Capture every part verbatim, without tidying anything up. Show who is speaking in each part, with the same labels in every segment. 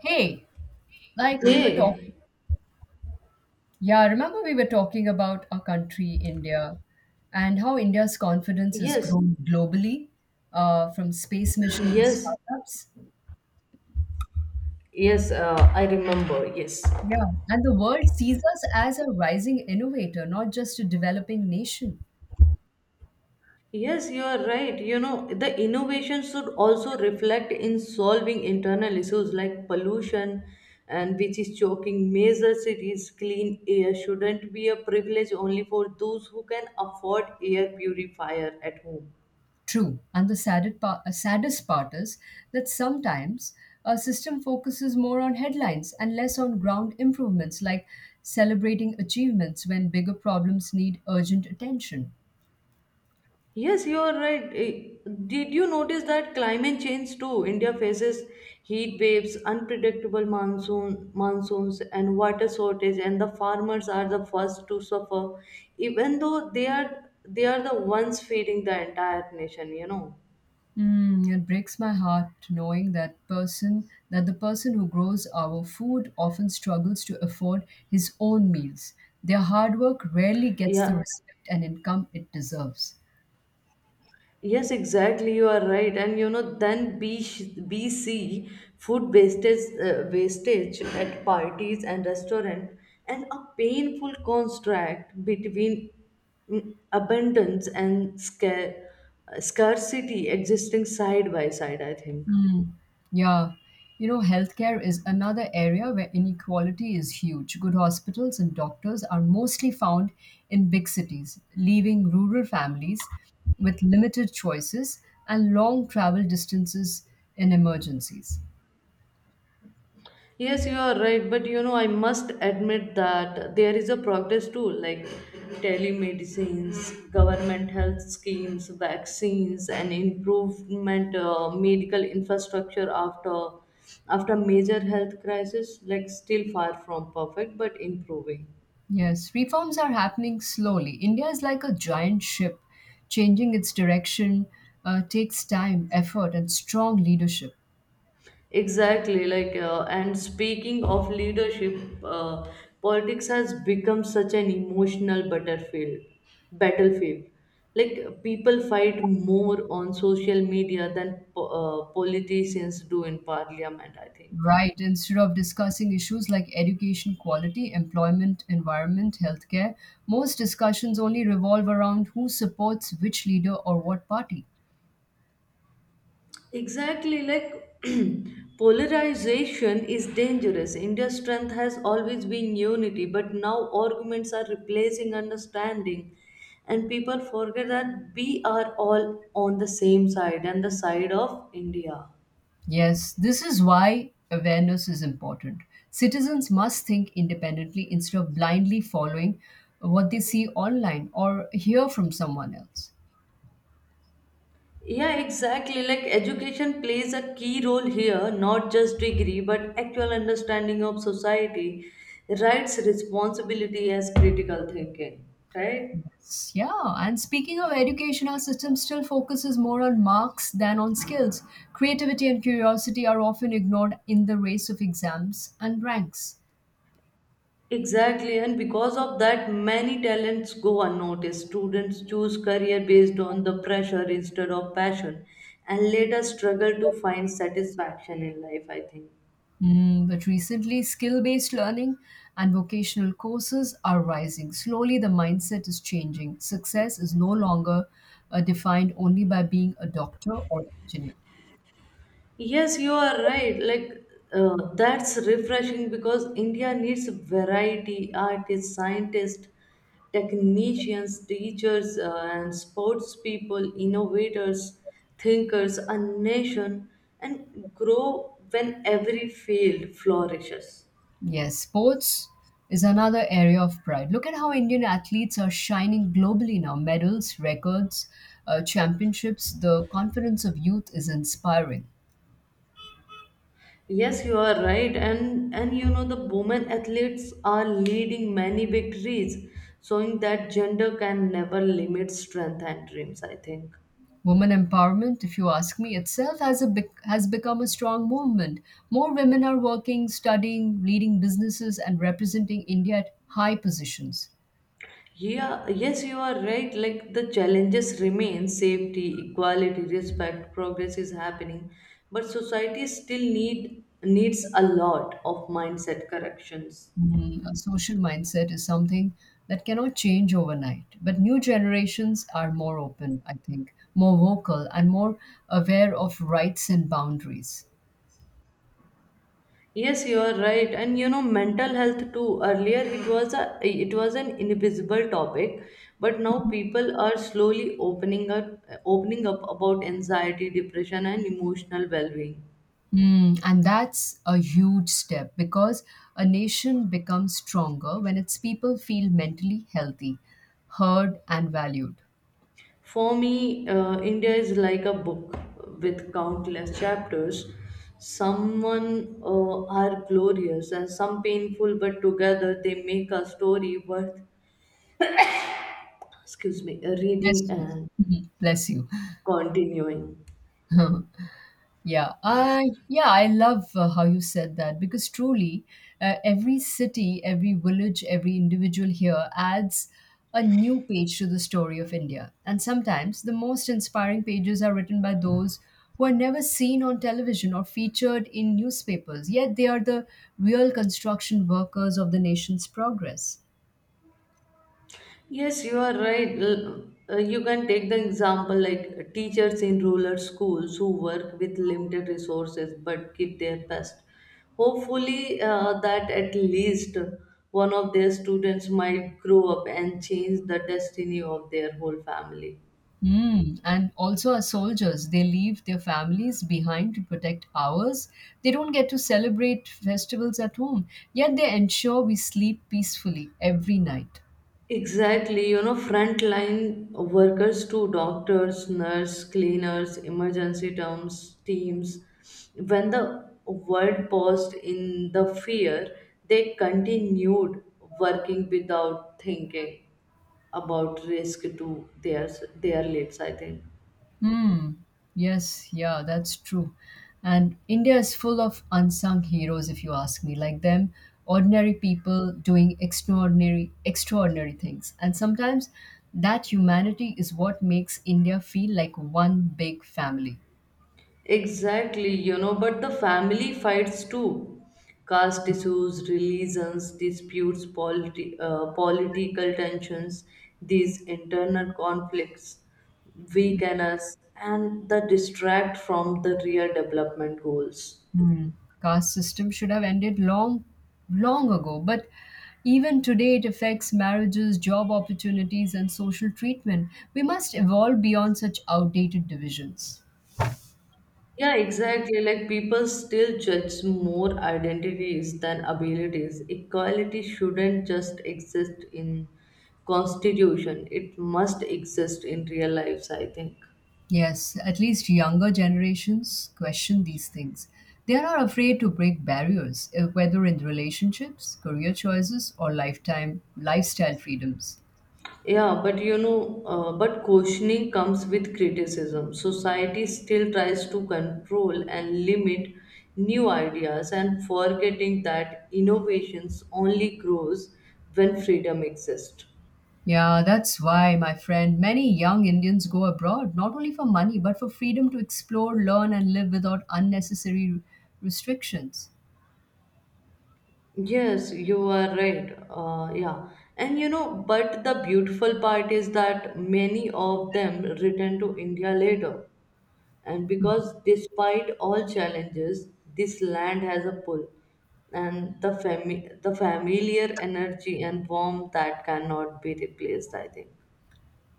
Speaker 1: Hey, like we were talking,
Speaker 2: Hey.
Speaker 1: yeah, remember we were talking about our country, India, and how India's confidence has
Speaker 2: yes,
Speaker 1: grown globally, uh, from space mission to
Speaker 2: yes,
Speaker 1: startups.
Speaker 2: yes, uh, I remember. Yes,
Speaker 1: Yeah, and the world sees us as a rising innovator, not just a developing nation.
Speaker 2: yes, you are right. You know, the innovation should also reflect in solving internal issues like pollution and which is choking major cities. Clean air shouldn't be a privilege only for those who can afford air purifier at home.
Speaker 1: True, and the saddest part, uh, saddest part is that sometimes our system focuses more on headlines and less on ground improvements, like celebrating achievements when bigger problems need urgent attention.
Speaker 2: Yes, you are right. Eh, Did you notice that climate change too? India faces heat waves, unpredictable monsoon, monsoons, and water shortage, and the farmers are the first to suffer, even though they are they are the ones feeding the entire nation. You know.
Speaker 1: Mm, it breaks my heart knowing that person that the person who grows our food often struggles to afford his own meals. Their hard work rarely gets the
Speaker 2: Yeah.
Speaker 1: respect and income it deserves.
Speaker 2: Yes, exactly. You are right. And you know, then B BC food wastage, uh, wastage at parties and restaurant, and a painful contract between mm, abundance and scar- uh, scarcity existing side by side, I think.
Speaker 1: Mm, yeah. You know, healthcare is another area where inequality is huge. Good hospitals and doctors are mostly found in big cities, leaving rural families with limited choices and long travel distances in emergencies.
Speaker 2: Yes, you are right, but you know, I must admit that there is a progress too, like telemedicines, government health schemes, vaccines, and improvement uh, medical infrastructure after after major health crisis. Like still far from perfect, but improving.
Speaker 1: Yes, reforms are happening slowly. India is like a giant ship. Changing its direction uh, takes time, effort, and strong leadership.
Speaker 2: Exactly, like, uh, and speaking of leadership, uh, politics has become such an emotional battlefield. Battlefield, like people fight more on social media than po- uh, politicians do in parliament. I think.
Speaker 1: Right, instead of discussing issues like education quality, employment, environment, healthcare, most discussions only revolve around who supports which leader or what party.
Speaker 2: Exactly, like polarization is dangerous. India's strength has always been unity, but now arguments are replacing understanding, and people forget that we are all on the same side and the side of India.
Speaker 1: Yes, this is why awareness is important. Citizens must think independently instead of blindly following what they see online or hear from someone else.
Speaker 2: Yeah, exactly. Like education plays a key role here, not just degree, but actual understanding of society, rights, responsibility as critical thinking, right?
Speaker 1: Yes, yeah, and speaking of education, our system still focuses more on marks than on skills. Creativity and curiosity are often ignored in the race of exams and ranks.
Speaker 2: Exactly, and because of that, many talents go unnoticed. Students choose career based on the pressure instead of passion and later struggle to find satisfaction in life, I think.
Speaker 1: Mm, but recently, skill based learning and vocational courses are rising. Slowly, the mindset is changing. Success is no longer uh, defined only by being a doctor or engineer.
Speaker 2: Yes, you are right. Like uh, that's refreshing because India needs variety, artists, scientists, technicians, teachers, uh, and sports people, innovators, thinkers, a nation, and grow when every field flourishes.
Speaker 1: Yes, sports is another area of pride. Look at how Indian athletes are shining globally now medals, records, uh, championships. The confidence of youth is inspiring.
Speaker 2: Yes, you are right, and and you know the women athletes are leading many victories, showing that gender can never limit strength and dreams. I think.
Speaker 1: Women empowerment, if you ask me, itself has, a bec- has become a strong movement. More women are working, studying, leading businesses, and representing India at high positions.
Speaker 2: Yeah, yes, you are right. Like the challenges remain safety, equality, respect, progress is happening, but society still need needs a lot of mindset corrections.
Speaker 1: Mm, a social mindset is something that cannot change overnight. But new generations are more open, I think, more vocal, and more aware of rights and boundaries.
Speaker 2: Yes, you are right. And you know, mental health too. Earlier it was a it was an invisible topic, but now people are slowly opening up opening up about anxiety, depression, and emotional well-being.
Speaker 1: Mm, and that's a huge step because a nation becomes stronger when its people feel mentally healthy, heard, and valued.
Speaker 2: For me, uh, India is like a book with countless chapters. Someone uh, are glorious and some painful, but together they make a story worth, excuse me, reading
Speaker 1: Bless you.
Speaker 2: and
Speaker 1: Mhm. Bless you.
Speaker 2: continuing.
Speaker 1: Yeah, I yeah, I love uh, how you said that because truly, uh, every city, every village, every individual here adds a new page to the story of India. And sometimes the most inspiring pages are written by those who are never seen on television or featured in newspapers, yet they are the real construction workers of the nation's progress.
Speaker 2: Yes, you are right. L- uh, You can take the example like uh, teachers in rural schools who work with limited resources but give their best. Hopefully, uh, that at least one of their students might grow up and change the destiny of their whole family.
Speaker 1: Mm, and also, as soldiers, they leave their families behind to protect ours. They don't get to celebrate festivals at home, yet they ensure we sleep peacefully every night.
Speaker 2: Exactly, you know, frontline workers too, doctors, nurse, cleaners, emergency terms, teams. When the world paused in the fear, they continued working without thinking about risk to their their lives, I think.
Speaker 1: Hmm. Yes, yeah, that's true. And India is full of unsung heroes, if you ask me, like them, ordinary people doing extraordinary, extraordinary things. And sometimes that humanity is what makes India feel like one big family.
Speaker 2: Exactly, you know, but the family fights too. Caste issues, religions, disputes, politi- uh, political tensions, these internal conflicts weaken us and the distract from the real development goals.
Speaker 1: Hmm. Caste system should have ended long, long ago. But even today, it affects marriages, job opportunities, and social treatment. We must evolve beyond such outdated divisions.
Speaker 2: Yeah, exactly. Like people still judge more identities than abilities. Equality shouldn't just exist in constitution. It must exist in real lives, I think.
Speaker 1: Yes, at least younger generations question these things. They are not afraid to break barriers, eh, whether in relationships, career choices, or lifetime lifestyle freedoms.
Speaker 2: Yeah, but you know, uh, but questioning comes with criticism. Society still tries to control and limit new ideas and forgetting that innovations only grows when freedom exists.
Speaker 1: Yeah, that's why, my friend, many young Indians go abroad not only for money but for freedom to explore, learn, and live without unnecessary restrictions.
Speaker 2: Yes, you are right. Uh, yeah. And you know, but the beautiful part is that many of them return to India later and because despite all challenges this land has a pull and the fami- the familiar energy and warmth that cannot be replaced, I think.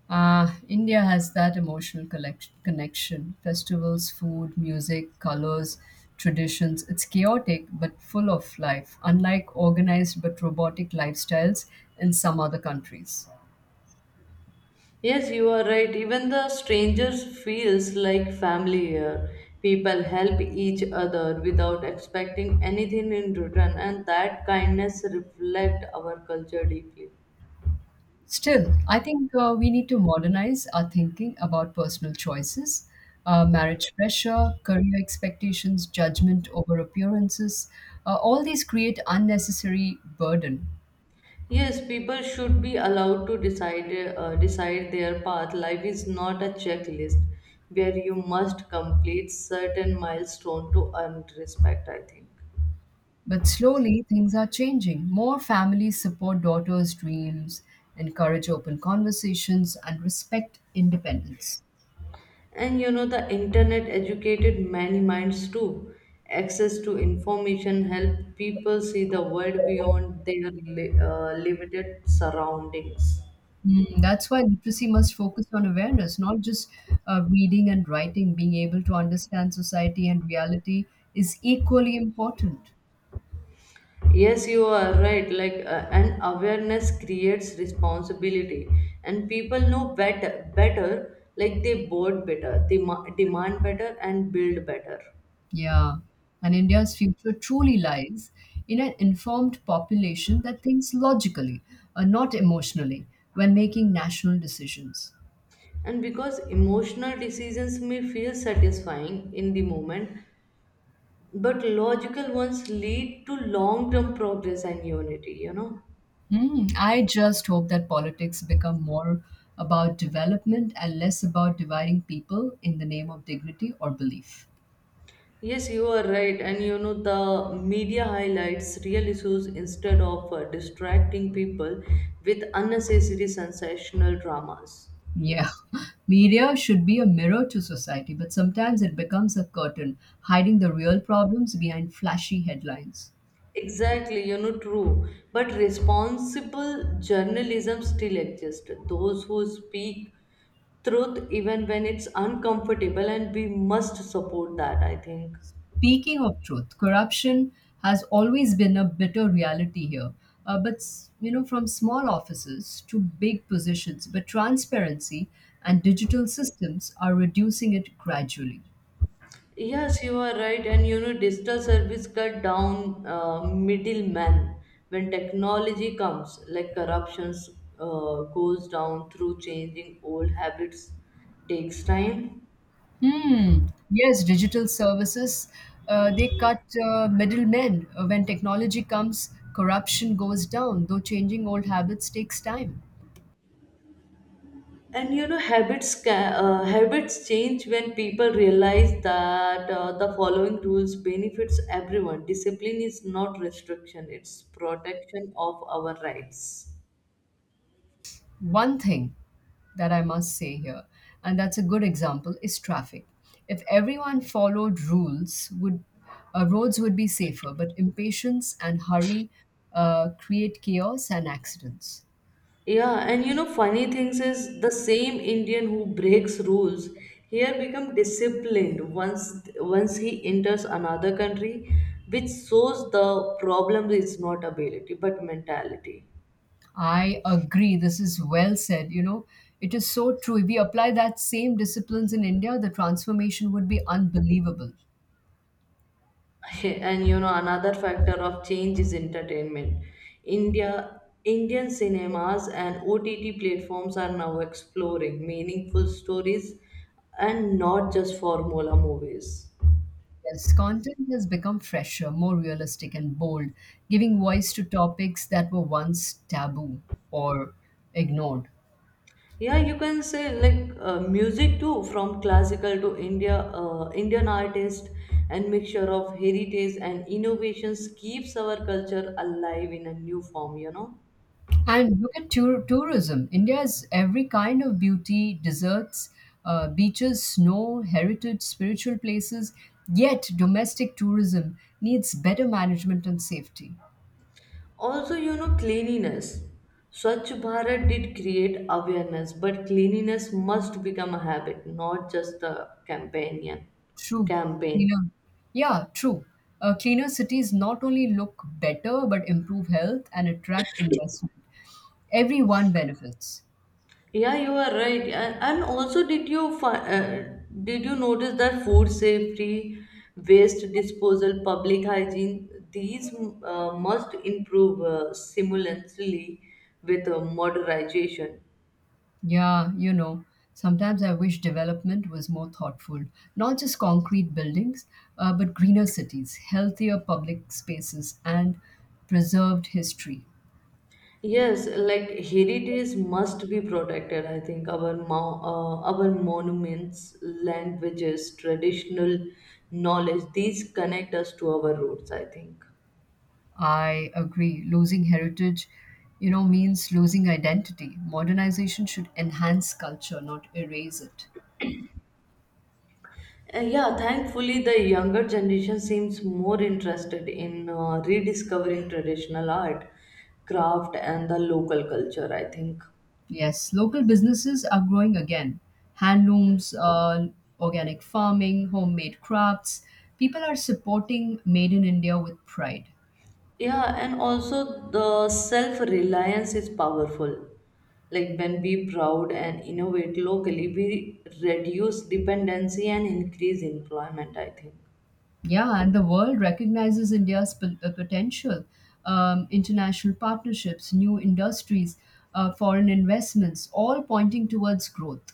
Speaker 1: Ah, India has that emotional collect- connection festivals, food, music, colors, traditions. It's chaotic but full of life, unlike organized but robotic lifestyles in some other countries.
Speaker 2: Yes, you are right. Even the strangers feels like family here. People help each other without expecting anything in return, and that kindness reflect our culture deeply.
Speaker 1: Still, I think uh, we need to modernize our thinking about personal choices, uh, marriage pressure, career expectations, judgment over appearances. Uh, all these create unnecessary burden.
Speaker 2: Yes, people should be allowed to decide uh, decide their path. Life is not a checklist where you must complete certain milestone to earn respect, I think.
Speaker 1: But slowly, things are changing. More families support daughters' dreams, encourage open conversations, and respect independence.
Speaker 2: And you know, the internet educated many minds too. Access to information helped people see the world beyond their li- uh, limited surroundings.
Speaker 1: Mm, that's why literacy must focus on awareness, not just uh, reading and writing. Being able to understand society and reality is equally important.
Speaker 2: Yes, you are right. Like, uh, an awareness creates responsibility, and people know better. Better, like they board better, they ma- demand better, and build better.
Speaker 1: Yeah. And India's future truly lies in an informed population that thinks logically, uh, not emotionally, when making national decisions.
Speaker 2: And because emotional decisions may feel satisfying in the moment, but logical ones lead to long-term progress and unity. You know.
Speaker 1: Hmm. I just hope that politics become more about development and less about dividing people in the name of dignity or belief.
Speaker 2: Yes, you are right. And you know, the media highlights real issues instead of uh, distracting people with unnecessary sensational dramas.
Speaker 1: Yeah, media should be a mirror to society, but sometimes it becomes a curtain, hiding the real problems behind flashy headlines.
Speaker 2: Exactly, you know, true. But responsible journalism still exists. Those who speak truth even when it's uncomfortable, and we must support that, I think.
Speaker 1: Speaking of truth, corruption has always been a bitter reality here. Uh, but s- you know, from small offices to big positions, but transparency and digital systems are reducing it gradually.
Speaker 2: Yes, you are right. And you know, digital service cut down uh, middlemen when technology comes, like corruptions uh, goes down through changing old habits takes time.
Speaker 1: Hmm. Yes, digital services, uh, they cut uh, middlemen. Uh, When technology comes, corruption goes down, though changing old habits takes time.
Speaker 2: And you know, habits ca- uh, habits change when people realize that uh, the following rules benefits everyone. Discipline is not restriction; it's protection of our rights.
Speaker 1: One thing that I must say here, and that's a good example, is traffic. If everyone followed rules, would uh, roads would be safer, but impatience and hurry uh, create chaos and accidents.
Speaker 2: Yeah, and you know, funny things is the same Indian who breaks rules here become disciplined once once he enters another country, which shows the problem is not ability but mentality.
Speaker 1: I agree. This is well said. You know, it is so true. If we apply that same disciplines in India, the transformation would be unbelievable.
Speaker 2: And you know another factor of change is entertainment. India indian cinemas and OTT platforms are now exploring meaningful stories and not just formula movies.
Speaker 1: Yes, content has become fresher, more realistic, and bold, giving voice to topics that were once taboo or ignored.
Speaker 2: Yeah, you can say, like uh, music too, from classical to india uh, Indian artist and mixture of heritage and innovations keeps our culture alive in a new form, you know.
Speaker 1: And look at tour- tourism. India has every kind of beauty, deserts, uh, beaches, snow, heritage, spiritual places. Yet, domestic tourism needs better management and safety.
Speaker 2: Also, you know, cleanliness, Swachh Bharat did create awareness, but cleanliness must become a habit, not just a companion
Speaker 1: True.
Speaker 2: campaign.
Speaker 1: Cleaner. Yeah, true. Uh, cleaner cities not only look better but improve health and attract investment. Everyone benefits.
Speaker 2: Yeah, you are right. A- And also, did you fi- uh, did you notice that food safety, waste disposal, public hygiene, these uh, must improve uh, simultaneously with uh, modernization.
Speaker 1: Yeah, you know, sometimes I wish development was more thoughtful. Not just concrete buildings, uh, but greener cities, healthier public spaces, and preserved history.
Speaker 2: Yes, like heritage must be protected. I think our mo- uh, our monuments, languages, traditional knowledge, these connect us to our roots. I think.
Speaker 1: I agree. Losing heritage, you know, means losing identity. Modernization should enhance culture, not erase it.
Speaker 2: Uh, yeah, thankfully, the younger generation seems more interested in uh, rediscovering traditional art, craft, and the local culture, I think.
Speaker 1: Yes, local businesses are growing again. Handlooms, uh, organic farming, homemade crafts. People are supporting Made in India with pride.
Speaker 2: Yeah, and also the self reliance is powerful. Like when we proud and innovate locally, we reduce dependency and increase employment, I think.
Speaker 1: Yeah, and the world recognizes India's p- uh, potential. Um, international partnerships, new industries, uh, foreign investments, all pointing towards growth.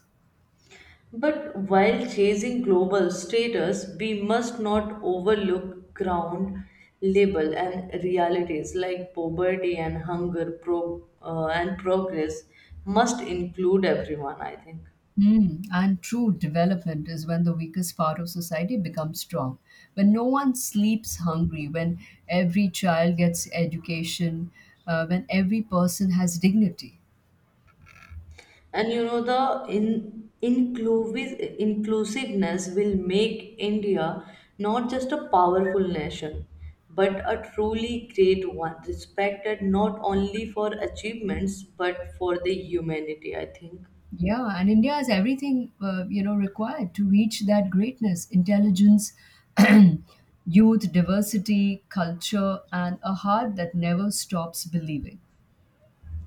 Speaker 2: But while chasing global status, we must not overlook ground level and realities like poverty and hunger pro- uh, and progress must include everyone, I think.
Speaker 1: Mm, and true development is when the weakest part of society becomes strong. When no one sleeps hungry, when every child gets education, uh, when every person has dignity.
Speaker 2: And you know, the in, inclusive, inclusiveness will make India not just a powerful nation, but a truly great one, respected not only for achievements but for the humanity, I think.
Speaker 1: Yeah, and India has everything uh, you know required to reach that greatness: intelligence, youth, diversity, culture, and a heart that never stops believing.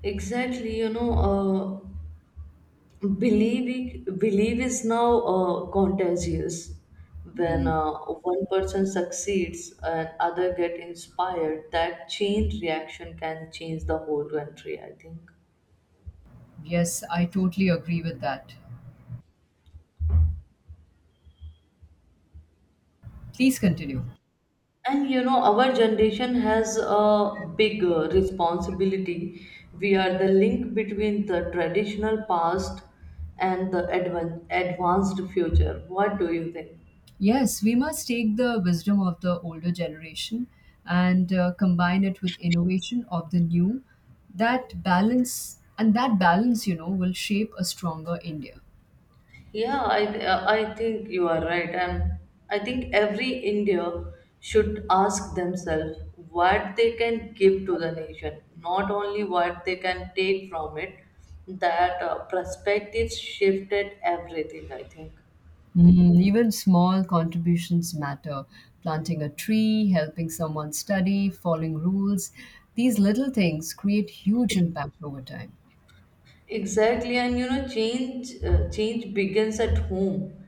Speaker 2: Exactly, you know, uh, believe belief is now uh, contagious. When
Speaker 1: Mm,
Speaker 2: uh, one person succeeds and other get inspired, that chain reaction can change the whole country. I think.
Speaker 1: yes, I totally agree with that. Please continue.
Speaker 2: And you know, our generation has a big uh, responsibility. We are the link between the traditional past and the advan- advanced future. What do you think?
Speaker 1: Yes, we must take the wisdom of the older generation and uh, combine it with innovation of the new. That balance and that balance, you know, will shape a stronger India.
Speaker 2: Yeah, I uh, I think you are right, and I think every India should ask themselves what they can give to the nation, not only what they can take from it. That uh, perspective shifted everything. I think.
Speaker 1: Mm, even small contributions matter. Planting a tree, helping someone study, following rules. These little things create huge impact over time.
Speaker 2: Exactly, and you know, change uh, change begins at home.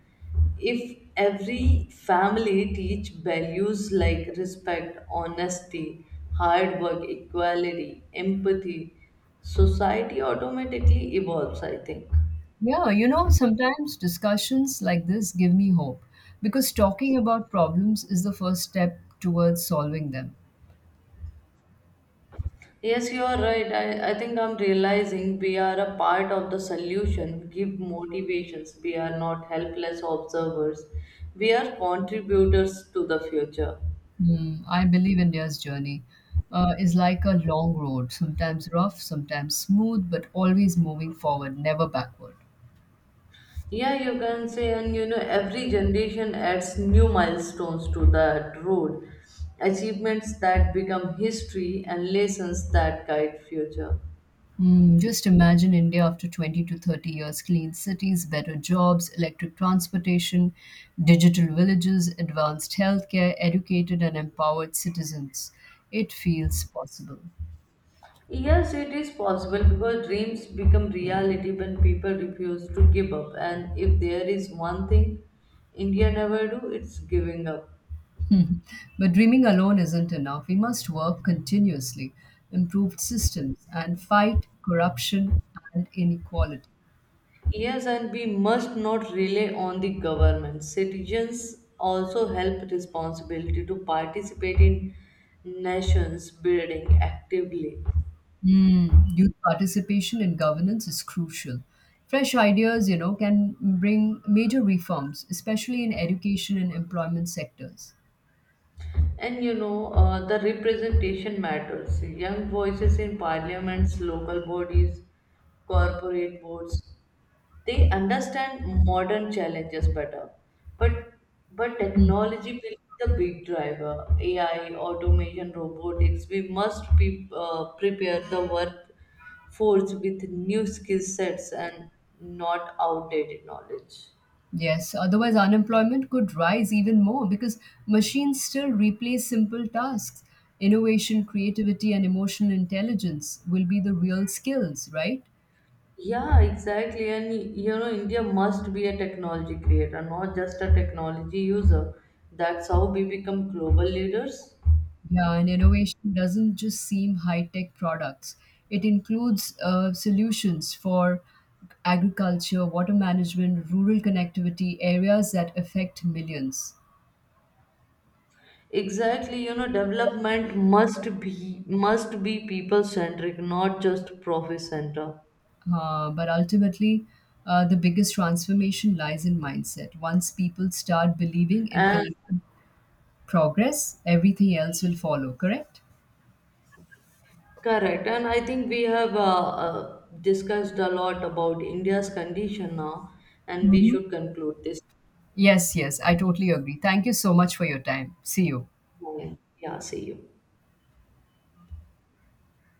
Speaker 2: If every family teach values like respect, honesty, hard work, equality, empathy, society automatically evolves, I think.
Speaker 1: Yeah, you know, sometimes discussions like this give me hope because talking about problems is the first step towards solving them.
Speaker 2: Yes, you are right. I, I think I'm realizing we are a part of the solution, give motivations. We are not helpless observers. We are contributors to the future.
Speaker 1: Mm, I believe India's journey uh, is like a long road, sometimes rough, sometimes smooth, but always moving forward, never backward.
Speaker 2: Yeah, you can say, and you know, every generation adds new milestones to that road, achievements that become history, and lessons that guide future.
Speaker 1: Mm, just imagine India after twenty to thirty years clean cities, better jobs, electric transportation, digital villages, advanced healthcare, educated and empowered citizens. It feels possible.
Speaker 2: Yes, it is possible because dreams become reality when people refuse to give up. And if there is one thing India never do, it's giving up.
Speaker 1: Hmm. But dreaming alone isn't enough. We must work continuously, improve systems, and fight corruption and inequality.
Speaker 2: Yes, and we must not rely on the government. Citizens also help responsibility to participate in nations building actively.
Speaker 1: Mm, youth participation in governance is crucial. Fresh ideas, you know, can bring major reforms, especially in education and employment sectors.
Speaker 2: And you know, uh, the representation matters. Young voices in parliaments, local bodies, corporate boards, they understand modern challenges better. But but technology will be the big driver. A I, automation, robotics. We must be uh, prepare the workforce with new skill sets and not outdated knowledge.
Speaker 1: Yes, otherwise unemployment could rise even more because machines still replace simple tasks. Innovation, creativity, and emotional intelligence will be the real skills, right?
Speaker 2: Yeah, exactly. And you know, India must be a technology creator, not just a technology user. That's how we become global leaders.
Speaker 1: Yeah, and innovation doesn't just seem high tech products. It includes uh, solutions for agriculture, water management, rural connectivity, areas that affect millions.
Speaker 2: Exactly, you know, development must be must be people centric, not just profit center.
Speaker 1: Uh, but ultimately, uh, the biggest transformation lies in mindset. Once people start believing in
Speaker 2: And
Speaker 1: collective progress, everything else will follow, correct?
Speaker 2: correct. And I think we have uh, uh, discussed a lot about India's condition now, and we
Speaker 1: Hmm.
Speaker 2: should conclude this.
Speaker 1: Yes, yes, I totally agree. Thank you so much for your time. See you.
Speaker 2: Yeah, see you.